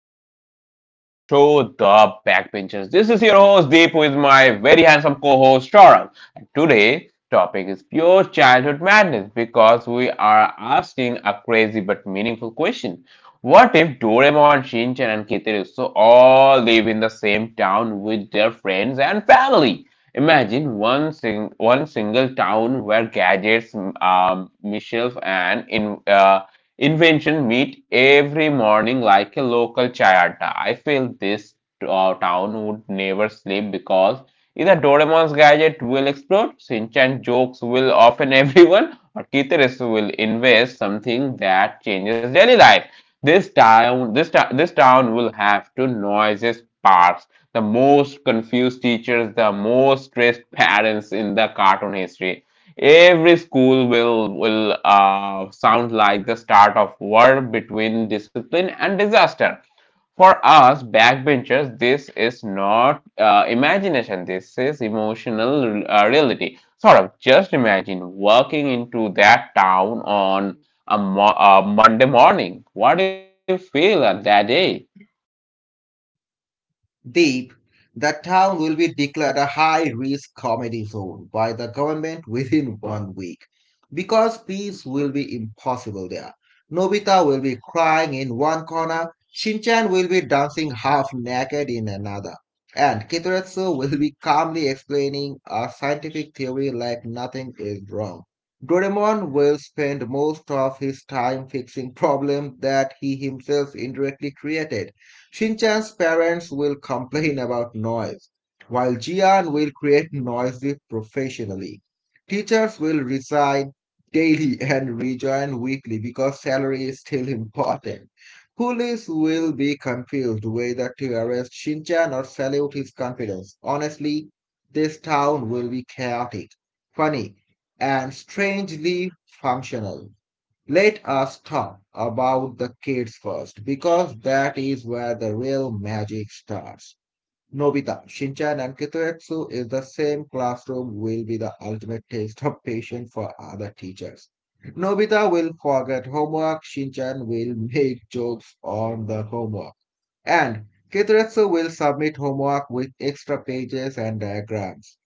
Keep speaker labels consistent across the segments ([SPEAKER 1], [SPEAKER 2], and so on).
[SPEAKER 1] all our listeners in our show, The Backbenchers. This is your host Deep with my very handsome co-host Taurang. And today topic is pure childhood madness because we are asking a crazy but meaningful question. What if Doraemon, Shinchan and Kitteruso all live in the same town with their friends and family? Imagine one single town where gadgets, mischief, and in invention meet every morning like a local chayata. I feel this town would never sleep because either Doraemon's gadget will explode, Shinchan jokes will offend everyone, or Kitaris will invest something that changes daily life. This town will have two noisiest parks. The most confused teachers, the most stressed parents in the cartoon history. Every school will sound like the start of war between discipline and disaster. For us backbenchers, this is not imagination. This is emotional reality. Sort of just imagine walking into that town on a Monday morning. What do you feel at that day?
[SPEAKER 2] Deep, the town will be declared a high risk comedy zone by the government within one week because peace will be impossible there. Nobita will be crying in one corner, Shinchan will be dancing half naked in another, and Kitaretsu will be calmly explaining a scientific theory like nothing is wrong. Doraemon will spend most of his time fixing problems that he himself indirectly created. Shinchan's parents will complain about noise, while Jian will create noisy professionally. Teachers will resign daily and rejoin weekly because salary is still important. Police will be confused whether to arrest Shinchan or salute his confidence. Honestly, this town will be chaotic, funny, and strangely functional. Let us talk about the kids first, because that is where the real magic starts. Nobita, Shinchan, and Kitoetsu is the same classroom will be the ultimate test of patience for other teachers. Nobita will forget homework, Shinchan will make jokes on the homework, and Kitoetsu will submit homework with extra pages and diagrams.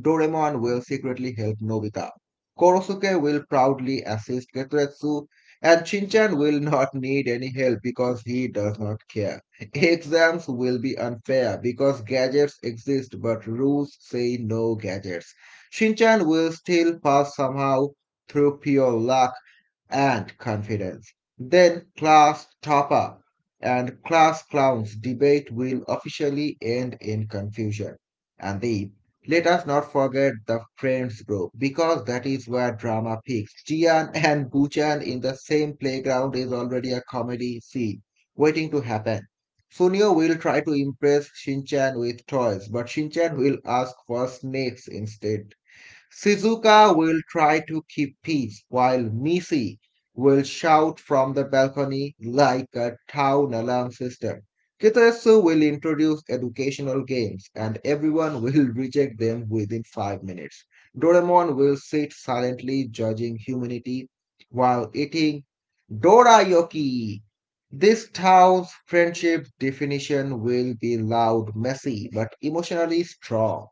[SPEAKER 2] Doraemon will secretly help Nobita. Korosuke will proudly assist Getretsu, and Shinchan will not need any help because he does not care. Exams will be unfair because gadgets exist but rules say no gadgets. Shinchan will still pass somehow through pure luck and confidence. Then class topper and class clowns debate will officially end in confusion. And the Let us not forget the friends group because that is where drama peaks. Jian and Buchan in the same playground is already a comedy scene waiting to happen. Sunio will try to impress Shinchan with toys, but Shinchan will ask for snakes instead. Shizuka will try to keep peace while Missy will shout from the balcony like a town alarm system. Kitetsu will introduce educational games and everyone will reject them within 5 minutes. Doraemon will sit silently judging humanity while eating Dorayoki. This town's friendship definition will be loud, messy, but emotionally strong.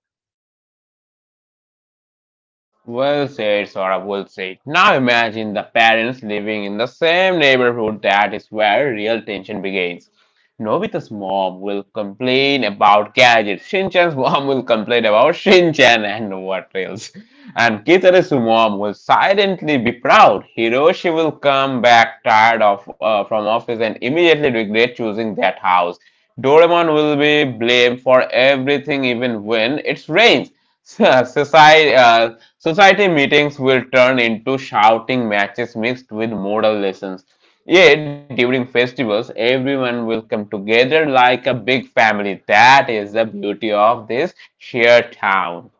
[SPEAKER 1] Well said, Saurabh, well said. Now imagine the parents living in the same neighborhood. That is where real tension begins. Nobita's mom will complain about gadgets. Shinchan's mom will complain about Shinchan and what else. And Kitara's mom will silently be proud. Hiroshi will come back tired of from office and immediately regret choosing that house. Doraemon will be blamed for everything even when it rains. Society meetings will turn into shouting matches mixed with moral lessons. Yet, during festivals, everyone will come together like a big family. That is the beauty of this shared town.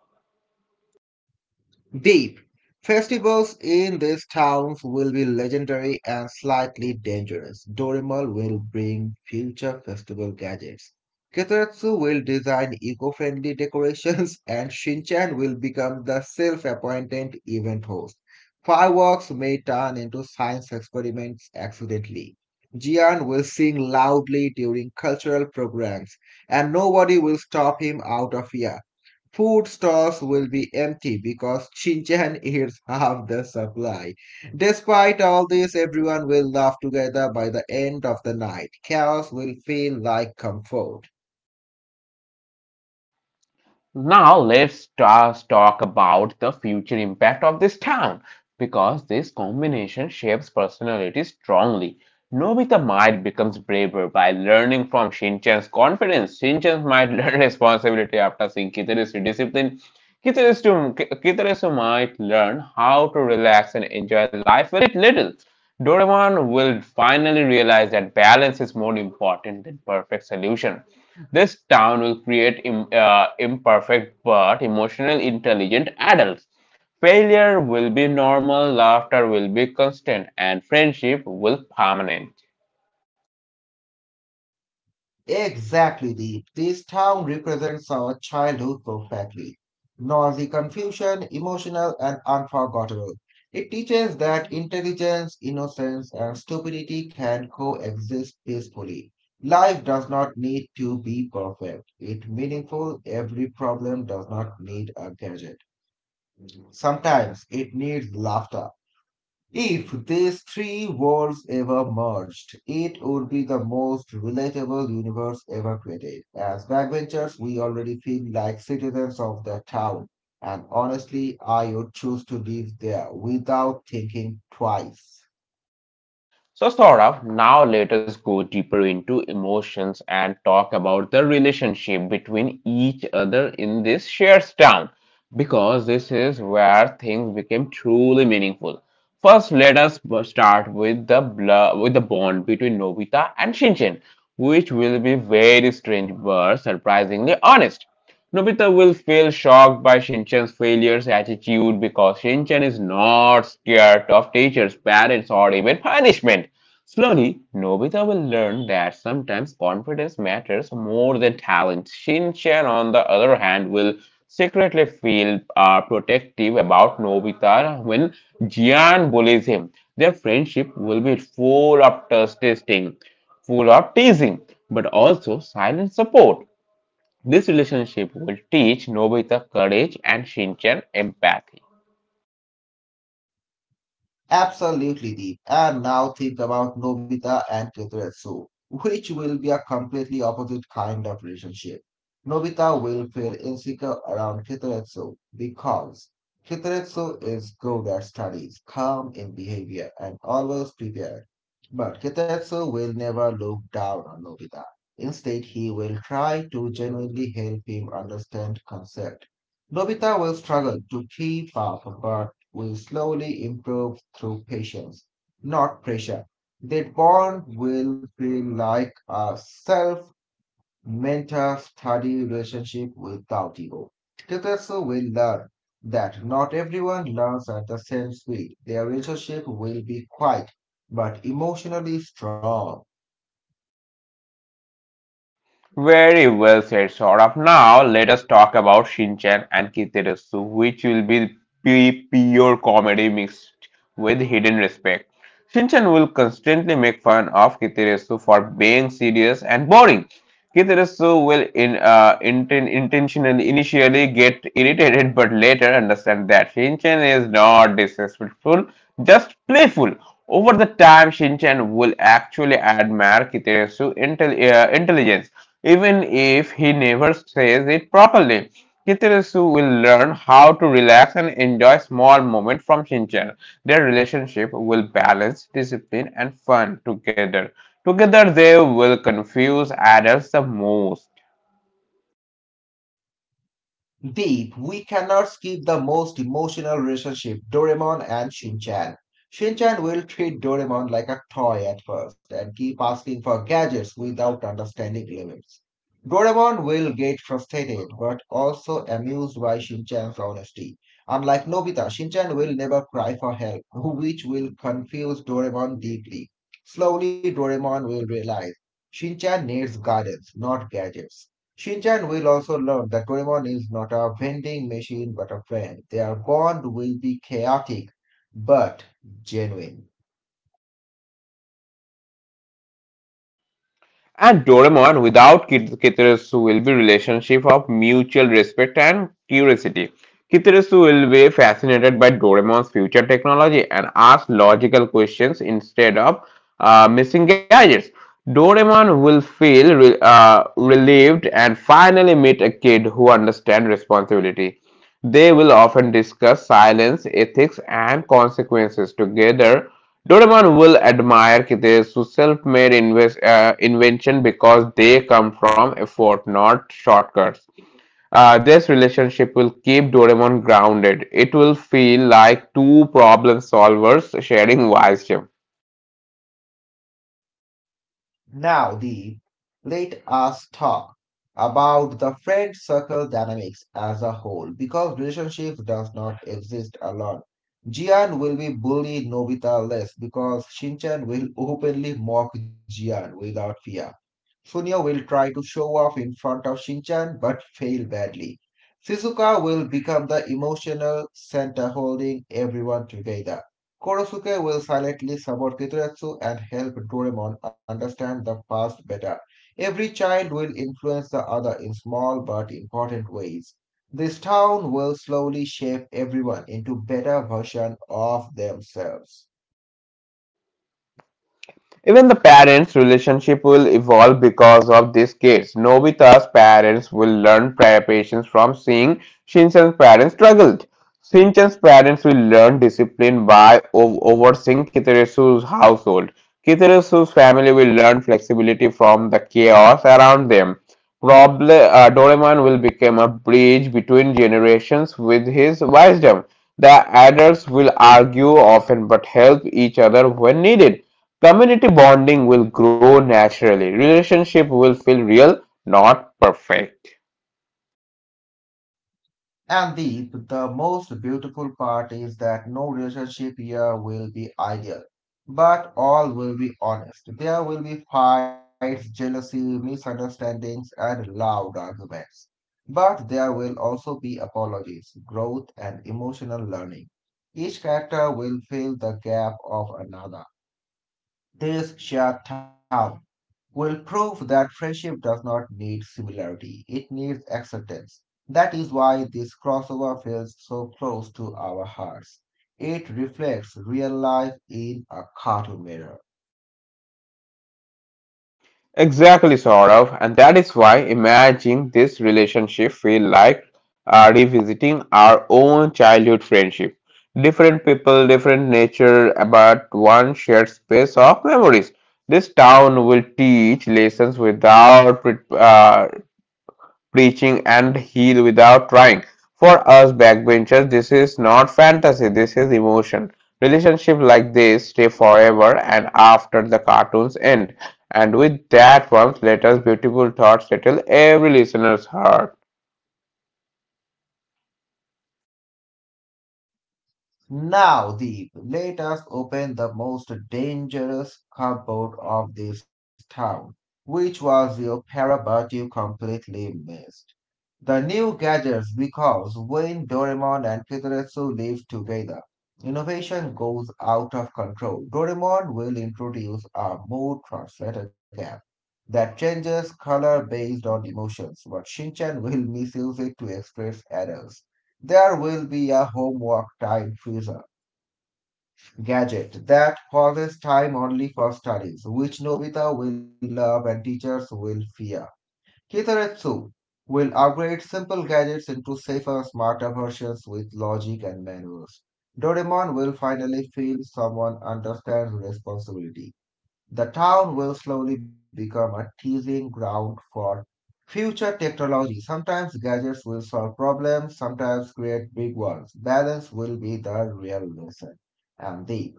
[SPEAKER 2] Deep. Festivals in these towns will be legendary and slightly dangerous. Dorimal will bring future festival gadgets. Kitaretsu will design eco-friendly decorations and Shinchan will become the self-appointed event host. Fireworks may turn into science experiments accidentally. Jian will sing loudly during cultural programs and nobody will stop him out of fear. Food stores will be empty because Shenzhen eats half the supply. Despite all this, everyone will laugh together by the end of the night. Chaos will feel like comfort.
[SPEAKER 1] Now let's just talk about the future impact of this town because this combination shapes personality strongly. Nobita might becomes braver by learning from Shinchan's confidence. Shinchan might learn responsibility after seeing Kitara's discipline. Kitarasu might learn how to relax and enjoy life a bit little. Doraemon will finally realize that balance is more important than perfect solution. This town will create imperfect but emotionally intelligent adults. Failure will be normal, laughter will be constant, and friendship will permanent.
[SPEAKER 2] Exactly, Deep. This town represents our childhood perfectly. Noisy confusion, emotional and unforgettable. It teaches that intelligence, innocence, and stupidity can coexist peacefully. Life does not need to be perfect. It meaningful. Every problem does not need a gadget. Sometimes it needs laughter. If these three worlds ever merged, it would be the most relatable universe ever created. As backbenchers, we already feel like citizens of the town, and honestly, I would choose to live there without thinking twice.
[SPEAKER 1] So, Saurabh, now let us go deeper into emotions and talk about the relationship between each other in this shared town because this is where things became truly meaningful. First, let us b- start with the bl- with the bond between Nobita and Shinchan, which will be very strange but surprisingly honest. Nobita will feel shocked by Shinchan's failures attitude because Shinchan is not scared of teachers, parents, or even punishment. Slowly, Nobita will learn that sometimes confidence matters more than talent. Shinchan, on the other hand, will secretly feel protective about Nobita when Jian bullies him. Their friendship will be full of testing, full of teasing, but also silent support. This relationship will teach Nobita courage and Shinchan empathy.
[SPEAKER 2] Absolutely deep. And now think about Nobita and Tetsuya, which will be a completely opposite kind of relationship. Nobita will feel insecure around Kitaretsu because Kitaretsu is good at studies, calm in behavior, and always prepared. But Kitaretsu will never look down on Nobita. Instead, he will try to genuinely help him understand concept. Nobita will struggle to keep up, but will slowly improve through patience, not pressure. That bond will feel like a self mentor study relationship without ego. Teachers will learn that not everyone learns at the same speed. Their relationship will be quiet but emotionally strong.
[SPEAKER 1] Very well said, Saurabh. Now let us talk about Shinchan and Kiteretsu, which will be pure comedy mixed with hidden respect. Shinchan will constantly make fun of Kiteretsu for being serious and boring. Kiteretsu will intentionally initially get irritated but later understand that Shinchan is not disrespectful, just playful. Over the time, Shinchan will actually admire Kiteretsu's intelligence even if he never says it properly. Kitarasu will learn how to relax and enjoy small moments from Shinchan. Their relationship will balance discipline and fun together. Together, they will confuse adults the most.
[SPEAKER 2] Deep, we cannot skip the most emotional relationship, Doraemon and Shinchan. Shinchan will treat Doraemon like a toy at first and keep asking for gadgets without understanding limits. Doraemon will get frustrated but also amused by Shinchan's honesty. Unlike Nobita, Shinchan will never cry for help, which will confuse Doraemon deeply. Slowly, Doraemon will realize Shinchan needs guidance, not gadgets. Shinchan will also learn that Doraemon is not a vending machine but a friend. Their bond will be chaotic but genuine.
[SPEAKER 1] And Doraemon without Kitarasu will be relationship of mutual respect and curiosity. Kitarasu will be fascinated by Doraemon's future technology and ask logical questions instead of missing gadgets. Doraemon will feel relieved and finally meet a kid who understands responsibility. They will often discuss silence, ethics, and consequences together. Doraemon will admire Kitasu's self-made invention because they come from effort, not shortcuts. This relationship will keep Doraemon grounded. It will feel like two problem solvers sharing wisdom.
[SPEAKER 2] Now, Deep, let us talk about the friend circle dynamics as a whole because relationships does not exist alone. Jian will be bullied Nobita less because Shinchan will openly mock Jian without fear. Sunio will try to show off in front of Shinchan but fail badly. Shizuka will become the emotional center holding everyone together. Korosuke will silently support Kituretsu and help Doraemon understand the past better. Every child will influence the other in small but important ways. This town will slowly shape everyone into better versions of themselves.
[SPEAKER 1] Even the parents' relationship will evolve because of these kids. Nobita's parents will learn patience from seeing Shinchan's parents struggled. Shinchan's parents will learn discipline by overseeing Kiteresu's household. Kiteresu's family will learn flexibility from the chaos around them. Probably, Doraemon will become a bridge between generations with his wisdom. The adults will argue often but help each other when needed. Community bonding will grow naturally. Relationship will feel real, not perfect.
[SPEAKER 2] And Deep, the most beautiful part is that no relationship here will be ideal, but all will be honest. There will be fights, jealousy, misunderstandings, and loud arguments. But there will also be apologies, growth, and emotional learning. Each character will fill the gap of another. This shared town will prove that friendship does not need similarity, it needs acceptance. That is why this crossover feels so close to our hearts. It reflects real life in a cartoon mirror.
[SPEAKER 1] Exactly, sort of, and that is why imagining this relationship feel like revisiting our own childhood friendship. Different people, different nature, but one shared space of memories. This town will teach lessons without preaching and heal without trying. For us backbenchers, this is not fantasy, this is emotion. Relationships like this stay forever and after the cartoons end. And with that warmth, let us beautiful thoughts settle every listener's heart.
[SPEAKER 2] Now, Deep, let us open the most dangerous cupboard of this town, which was your para but you completely missed. The new gadgets because when Doraemon and Kitaretsu live together, innovation goes out of control. Doraemon will introduce a mood translator gap that changes color based on emotions, but Shinchan will misuse it to express errors. There will be a homework time freezer gadget that pauses time only for studies, which Nobita will love and teachers will fear. Kitaretsu will upgrade simple gadgets into safer, smarter versions with logic and manuals. Doraemon will finally feel someone understands responsibility. The town will slowly become a teasing ground for future technology. Sometimes gadgets will solve problems, sometimes create big ones. Balance will be the real lesson. And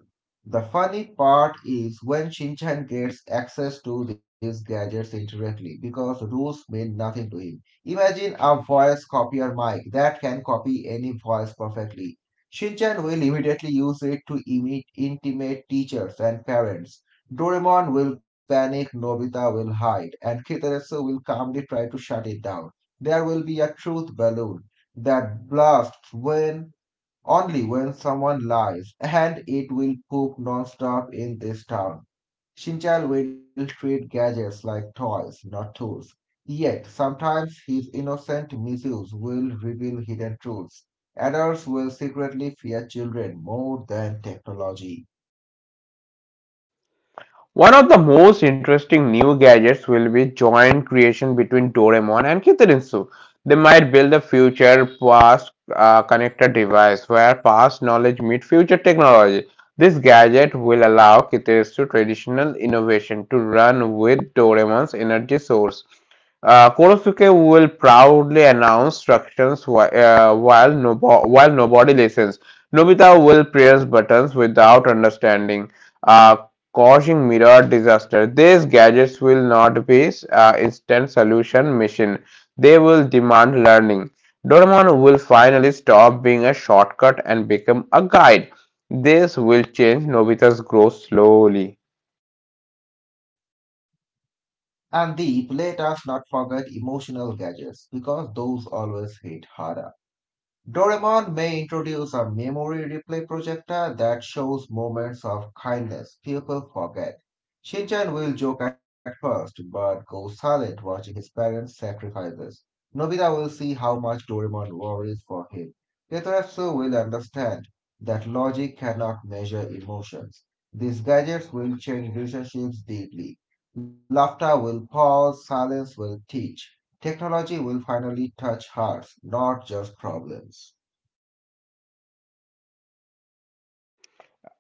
[SPEAKER 2] the funny part is when Shinchan gets access to these gadgets indirectly because rules mean nothing to him. Imagine a voice copier mic that can copy any voice perfectly. Shinchan will immediately use it to intimate teachers and parents. Doraemon will panic, Nobita will hide, and Kitaretsu will calmly try to shut it down. There will be a truth balloon that blasts when only when someone lies, and it will poop nonstop in this town. Shinchal will treat gadgets like toys, not tools. Yet sometimes his innocent misuse will reveal hidden truths. Adults will secretly fear children more than technology.
[SPEAKER 1] One of the most interesting new gadgets will be joint creation between Doraemon and Kitarinsu. They might build a future past connector device where past knowledge meets future technology. This gadget will allow Kitarinsu traditional innovation to run with Doraemon's energy source. Korosuke will proudly announce instructions while nobody listens. Nobita will press buttons without understanding, uh, causing mirror disaster. These gadgets will not be instant solution machine. They will demand learning. Doraemon will finally stop being a shortcut and become a guide. This will change Nobita's growth slowly.
[SPEAKER 2] And Deep, let us not forget emotional gadgets because those always hit harder. Doraemon may introduce a memory replay projector that shows moments of kindness people forget. Shinchan will joke at first, but goes silent watching his parents' sacrifices. Nobita will see how much Doraemon worries for him. Yatarasu will understand that logic cannot measure emotions. These gadgets will change relationships deeply. Laughter will pause, silence will teach. Technology will finally touch hearts, not just problems.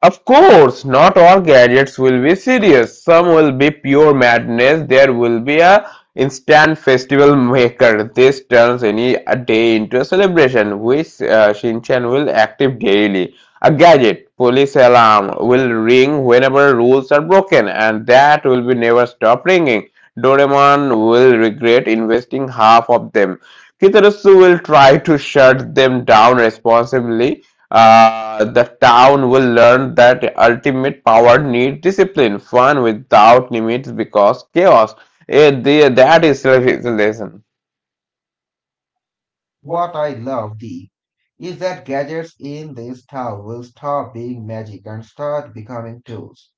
[SPEAKER 1] Of course, not all gadgets will be serious. Some will be pure madness. There will be a instant festival maker. This turns any day into a celebration, which Shinchan will active daily. A gadget, police alarm will ring whenever rules are broken, and that will be never stop ringing. Doraemon will regret investing half of them. Kitarasu will try to shut them down responsibly. The town will learn that ultimate power needs discipline, fun without limits because chaos. That is civilization.
[SPEAKER 2] What I love, Dee, is that gadgets in this town will stop being magic and start becoming tools.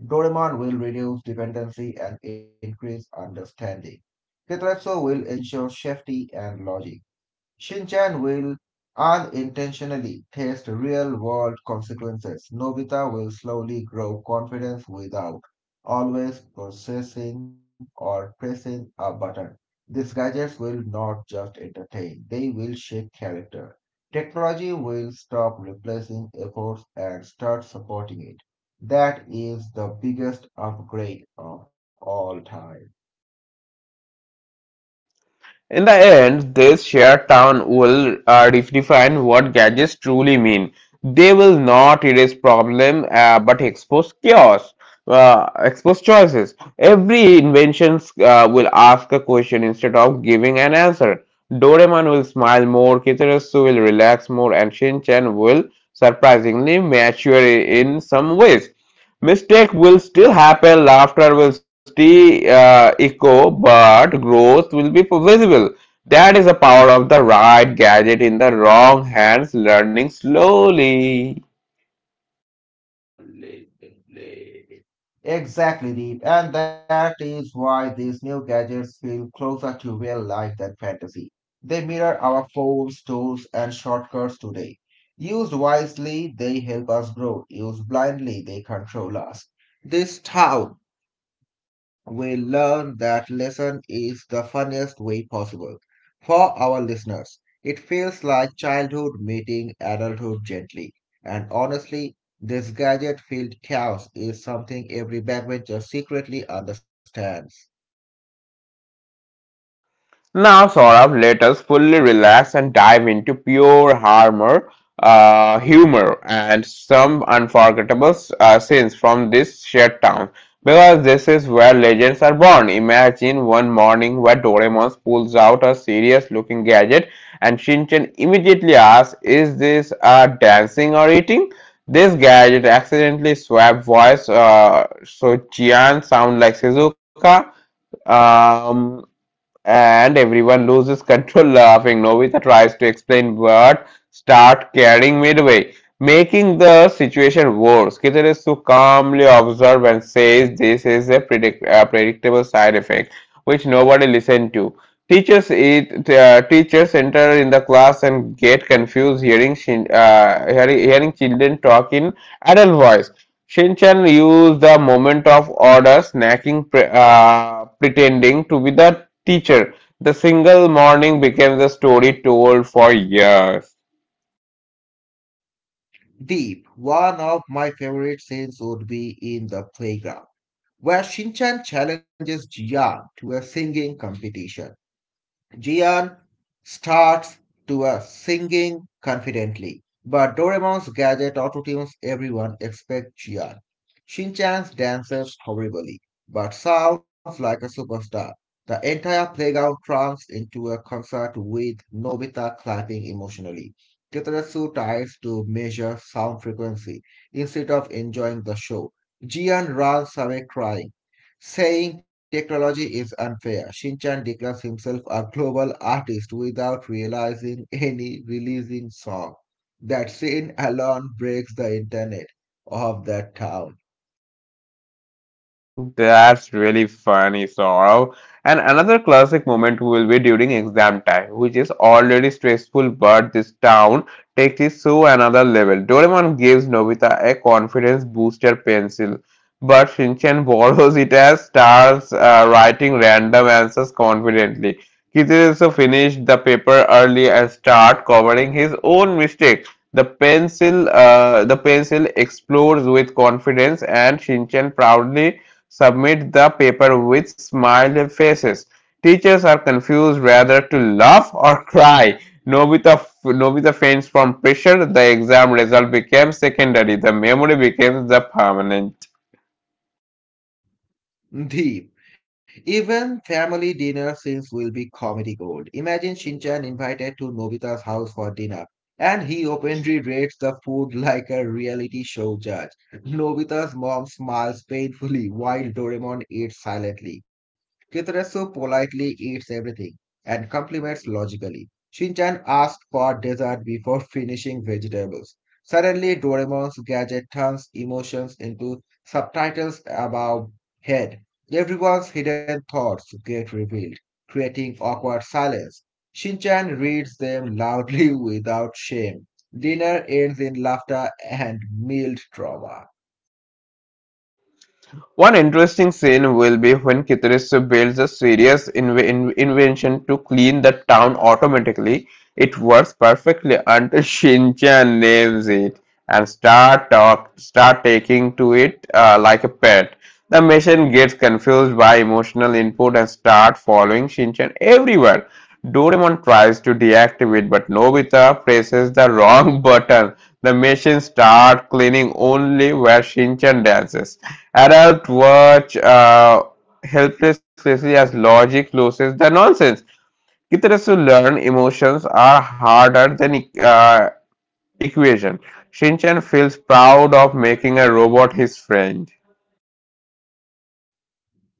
[SPEAKER 2] Doraemon will reduce dependency and increase understanding. Tetratsu will ensure safety and logic. Shinchan will unintentionally test real world consequences. Nobita will slowly grow confidence without always processing or pressing a button. These gadgets will not just entertain, they will shape character. Technology will stop replacing efforts and start supporting it. That is the biggest upgrade of all time.
[SPEAKER 1] In the end, this shared town will redefine what gadgets truly mean. They will not erase but expose chaos, expose choices. Every invention will ask a question instead of giving an answer. Doraemon will smile more, Kitarasu will relax more, and Shinchan will surprisingly mature in some ways. Mistake will still happen, laughter will still echo, but growth will be visible. That is the power of the right gadget in the wrong hands, learning slowly.
[SPEAKER 2] Exactly, Deep. And that is why these new gadgets feel closer to real life than fantasy. They mirror our phones, tools, and shortcuts today. Used wisely, they help us grow. Used blindly, they control us. This how we learn that lesson is the funniest way possible. For our listeners, it feels like childhood meeting adulthood gently. And honestly, this gadget filled chaos is something every backbencher secretly understands.
[SPEAKER 1] Now, Saurabh, let us fully relax and dive into pure humor, and some unforgettable scenes from this shared town. Because this is where legends are born. Imagine one morning where Doraemon pulls out a serious-looking gadget, and Shinchan immediately asks, "Is this dancing or eating?" This gadget accidentally swapped voice, so Jian sounds like Shizuka. Um, and everyone loses control laughing. Novita tries to explain but start carrying midway, making the situation worse. Kitarasu calmly observes and says this is a predictable side effect which nobody listened to. Teachers enter in the class and get confused hearing hearing children talk in adult voice. Shinchan used the moment of order, pretending to be the teacher. The single morning became the story told for years.
[SPEAKER 2] Deep, one of my favorite scenes would be in the playground, where Shinchan challenges Jian to a singing competition. Gian starts to a singing confidently, but Doraemon's gadget autotunes everyone except Gian. Shinchan's dances horribly, but sounds like a superstar. The entire playground turns into a concert with Nobita clapping emotionally. Kitarasu tries to measure sound frequency instead of enjoying the show. Gian runs away crying, saying technology is unfair. Shinchan declares himself a global artist without realizing any releasing song. That scene alone breaks the internet of that town.
[SPEAKER 1] That's really funny, Saurav. And another classic moment will be during exam time, which is already stressful, but this town takes it to another level. Doraemon gives Nobita a confidence booster pencil, but Shinchan borrows it and starts writing random answers confidently. Kitsuretsu finished the paper early and start covering his own mistakes. The pencil explodes with confidence, and Shinchan proudly submit the paper with smiley faces. Teachers are confused whether to laugh or cry. Nobita, Nobita faints from pressure. The exam result became secondary. The memory became the permanent.
[SPEAKER 2] Deep. Even family dinner scenes will be comedy gold. Imagine Shinchan invited to Nobita's house for dinner, and he openly rates the food like a reality show judge. Nobita's mom smiles painfully while Doraemon eats silently. Kitarasu politely eats everything and compliments logically. Shinchan asks for dessert before finishing vegetables. Suddenly, Doraemon's gadget turns emotions into subtitles above head. Everyone's hidden thoughts get revealed, creating awkward silence. Shinchan reads them loudly without shame. Dinner ends in laughter and mild trauma.
[SPEAKER 1] One interesting scene will be when Kitarisu builds a serious invention to clean the town automatically. It works perfectly until Shinchan names it and start taking to it like a pet. The machine gets confused by emotional input and start following Shinchan everywhere. Doraemon tries to deactivate, but Nobita presses the wrong button. The machine starts cleaning only where Shinchan dances. Adults watch helplessly as logic loses the nonsense. Kids to learn emotions are harder than equation. Shinchan feels proud of making a robot his friend.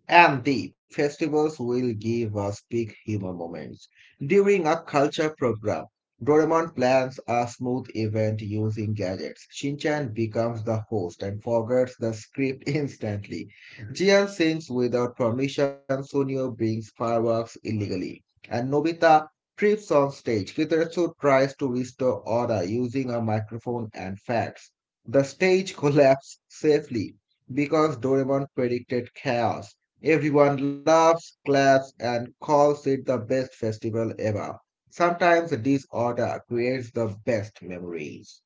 [SPEAKER 2] And the festivals will give us big humor moments. During a culture program, Doraemon plans a smooth event using gadgets. Shinchan becomes the host and forgets the script instantly. Jian sings without permission, Sunio brings fireworks illegally, and Nobita trips on stage. Kitaretsu tries to restore order using a microphone and facts. The stage collapses safely because Doraemon predicted chaos. Everyone laughs, claps, and calls it the best festival ever. Sometimes disorder creates the best memories.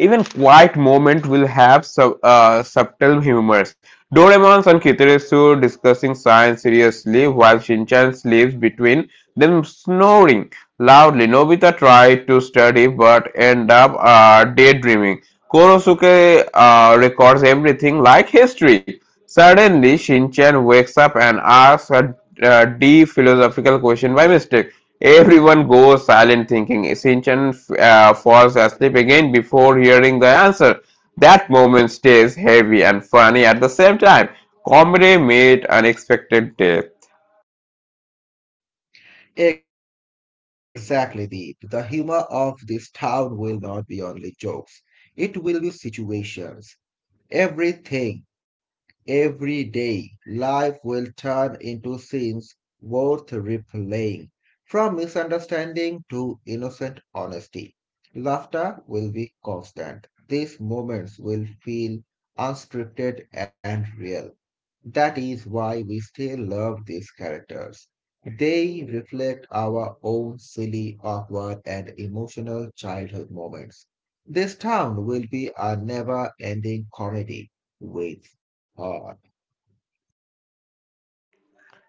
[SPEAKER 1] Even quiet moment will have subtle humors. Doraemon and Kitaresu discussing science seriously while Shinchan sleeps between them snoring loudly. Nobita tried to study but end up daydreaming. Korosuke records everything like history. Suddenly, Shinchan wakes up and asks a deep philosophical question by mistake. Everyone goes silent, thinking. Sinchan falls asleep again before hearing the answer. That moment stays heavy and funny at the same time. Comedy made unexpected death.
[SPEAKER 2] Exactly, Deep. The humor of this town will not be only jokes, it will be situations. Everything Every day, life will turn into scenes worth replaying. From misunderstanding to innocent honesty, laughter will be constant. These moments will feel unscripted and real. That is why we still love these characters. They reflect our own silly, awkward, and emotional childhood moments. This town will be a never ending comedy with heart.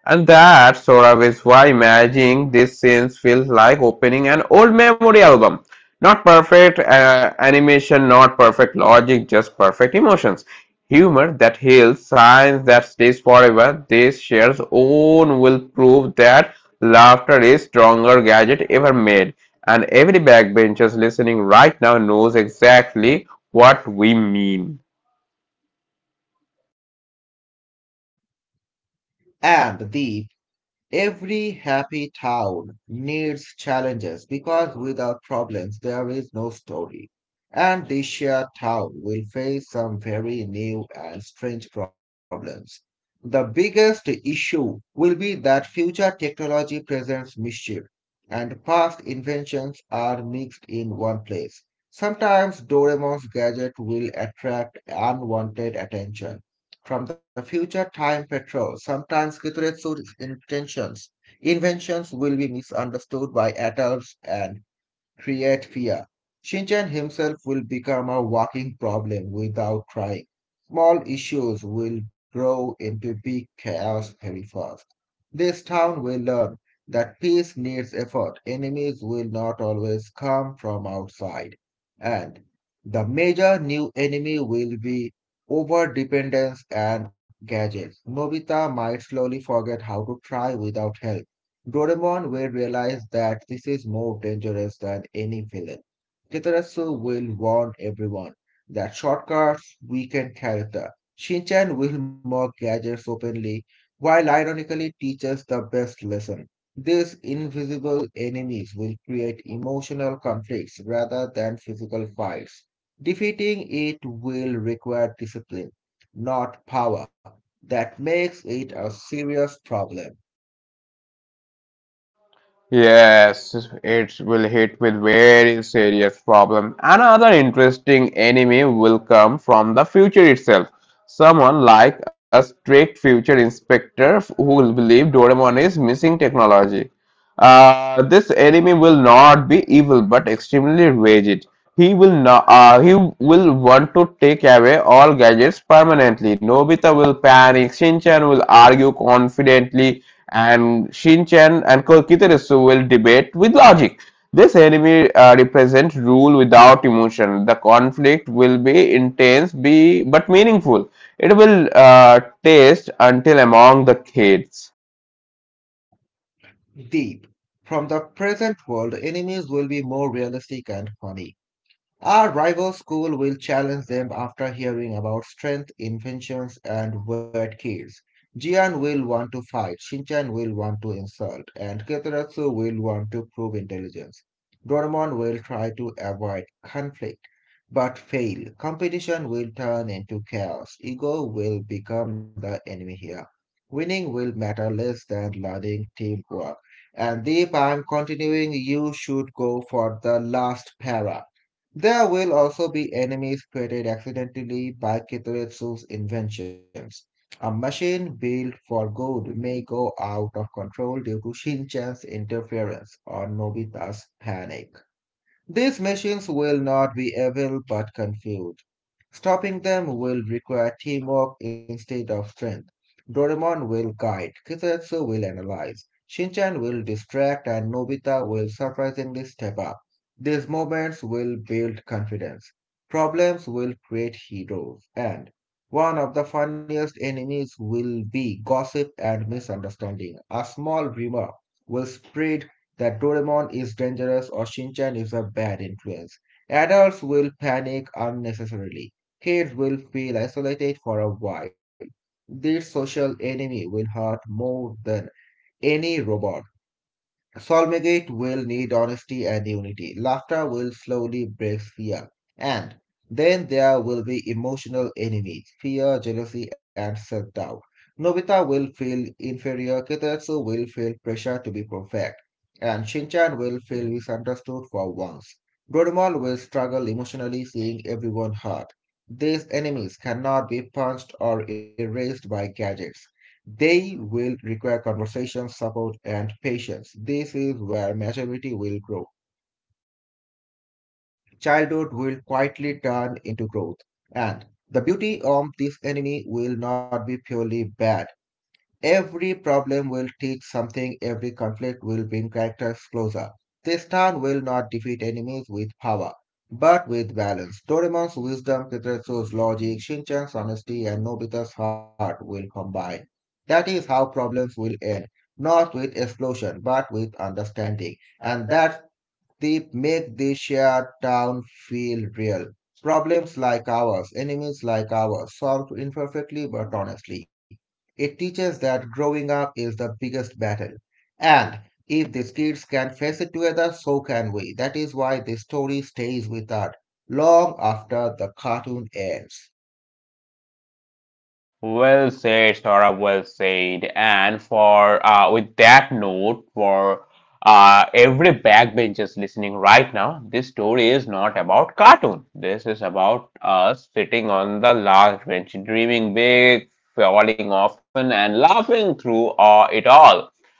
[SPEAKER 1] And that sort of is why managing these scenes feels like opening an old memory album. Not perfect animation, not perfect logic, just perfect emotions. Humor that heals, science that stays forever. This share's own will prove that laughter is stronger gadget ever made. And every backbenchers listening right now knows exactly what we mean.
[SPEAKER 2] And the Every happy town needs challenges because without problems there is no story. And this shared town will face some very new and strange problems. The biggest issue will be that future technology presents mischief and past inventions are mixed in one place. Sometimes Doraemon's gadget will attract unwanted attention from the future time patrol, sometimes Kituretsu's intentions, inventions will be misunderstood by adults and create fear. Shinchan himself will become a walking problem without trying. Small issues will grow into big chaos very fast. This town will learn that peace needs effort. Enemies will not always come from outside. And the major new enemy will be over dependence and gadgets. Nobita might slowly forget how to try without help. Doraemon will realize that this is more dangerous than any villain. Kitarasu will warn everyone that shortcuts weaken character. Shinchan will mock gadgets openly while ironically teach us the best lesson. These invisible enemies will create emotional conflicts rather than physical fights. Defeating it will require discipline, not power. That makes it a serious problem.
[SPEAKER 1] Yes, it will hit with very serious problem. Another interesting enemy will come from the future itself. Someone like a strict future inspector who will believe Doraemon is missing technology. This enemy will not be evil but extremely rigid. He will not. He will want to take away all gadgets permanently. Nobita will panic. Shinchan will argue confidently and Shinchan and Kokiterasu will debate with logic. This enemy represents rule without emotion. The conflict will be intense, be but meaningful. It will taste until among the kids.
[SPEAKER 2] Deep. From the present world, enemies will be more realistic and funny. Our rival school will challenge them after hearing about strength, inventions, and weird kids. Jian will want to fight, Shinchan will want to insult, and Kitaratsu will want to prove intelligence. Doraemon will try to avoid conflict, but fail. Competition will turn into chaos. Ego will become the enemy here. Winning will matter less than learning teamwork. And Deep, I'm continuing. You should go for the last para. There will also be enemies created accidentally by Kitoretsu's inventions. A machine built for good may go out of control due to Shinchan's interference or Nobita's panic. These machines will not be evil but confused. Stopping them will require teamwork instead of strength. Doraemon will guide, Kizetsu will analyze, Shinchan will distract, and Nobita will surprisingly step up. These moments will build confidence. Problems will create heroes, and one of the funniest enemies will be gossip and misunderstanding. A small rumor will spread that Doraemon is dangerous or Shinchan is a bad influence. Adults will panic unnecessarily. Kids will feel isolated for a while. This social enemy will hurt more than any robot. Solmegate will need honesty and unity. Laughter will slowly break fear. And then there will be emotional enemies, fear, jealousy, and self-doubt. Nobita will feel inferior, Kitetsu will feel pressure to be perfect, and Shinchan will feel misunderstood for once. Doraemon will struggle emotionally seeing everyone hurt. These enemies cannot be punched or erased by gadgets. They will require conversation, support, and patience. This is where maturity will grow. Childhood will quietly turn into growth. And the beauty of this enemy will not be purely bad. Every problem will teach something, every conflict will bring characters closer. This town will not defeat enemies with power, but with balance. Doraemon's wisdom, Kitetsu's logic, Shinchan's honesty, and Nobita's heart will combine. That is how problems will end, not with explosion, but with understanding. And that's they make the shared town feel real. Problems like ours, enemies like ours, solved imperfectly but honestly. It teaches that growing up is the biggest battle. And if these kids can face it together, so can we. That is why the story stays with us long after the cartoon ends.
[SPEAKER 1] Well said, Saurabh, well said. And for with that note, for every backbenchers listening right now, this story is not about cartoon. This is about us sitting on the last bench, dreaming big, falling often, and laughing through it all.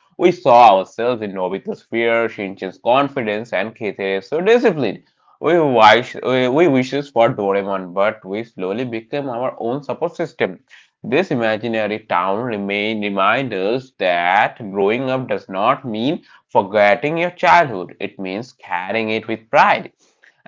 [SPEAKER 1] We saw ourselves in Nobita's fear, Shinchan's confidence, and Keite's discipline. We wishes for Doraemon, but we slowly became our own support system. This imaginary town remain reminds us that growing up does not mean forgetting your childhood. It means carrying it with pride.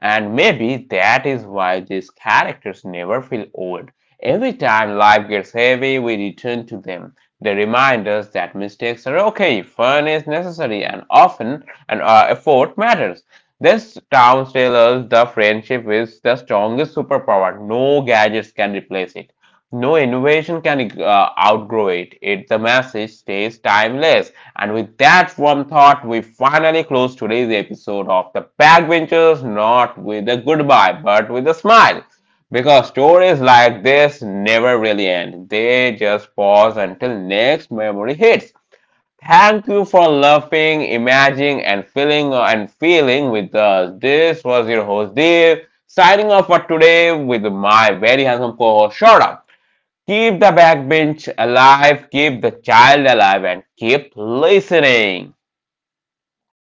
[SPEAKER 1] And maybe that is why these characters never feel old. Every time life gets heavy, we return to them. They remind us that mistakes are okay, fun is necessary, and often an effort matters. This town tells us the friendship is the strongest superpower. No gadgets can replace it. No innovation can outgrow it. It the message stays timeless. And with that warm thought, we finally close today's episode of the Backbenchers, not with a goodbye, but with a smile. Because stories like this never really end. They just pause until next memory hits. Thank you for laughing, imagining, and feeling with us. This was your host Dev signing off for today with my very handsome co-host Shorta. Keep the backbench alive, keep the child alive, and keep listening.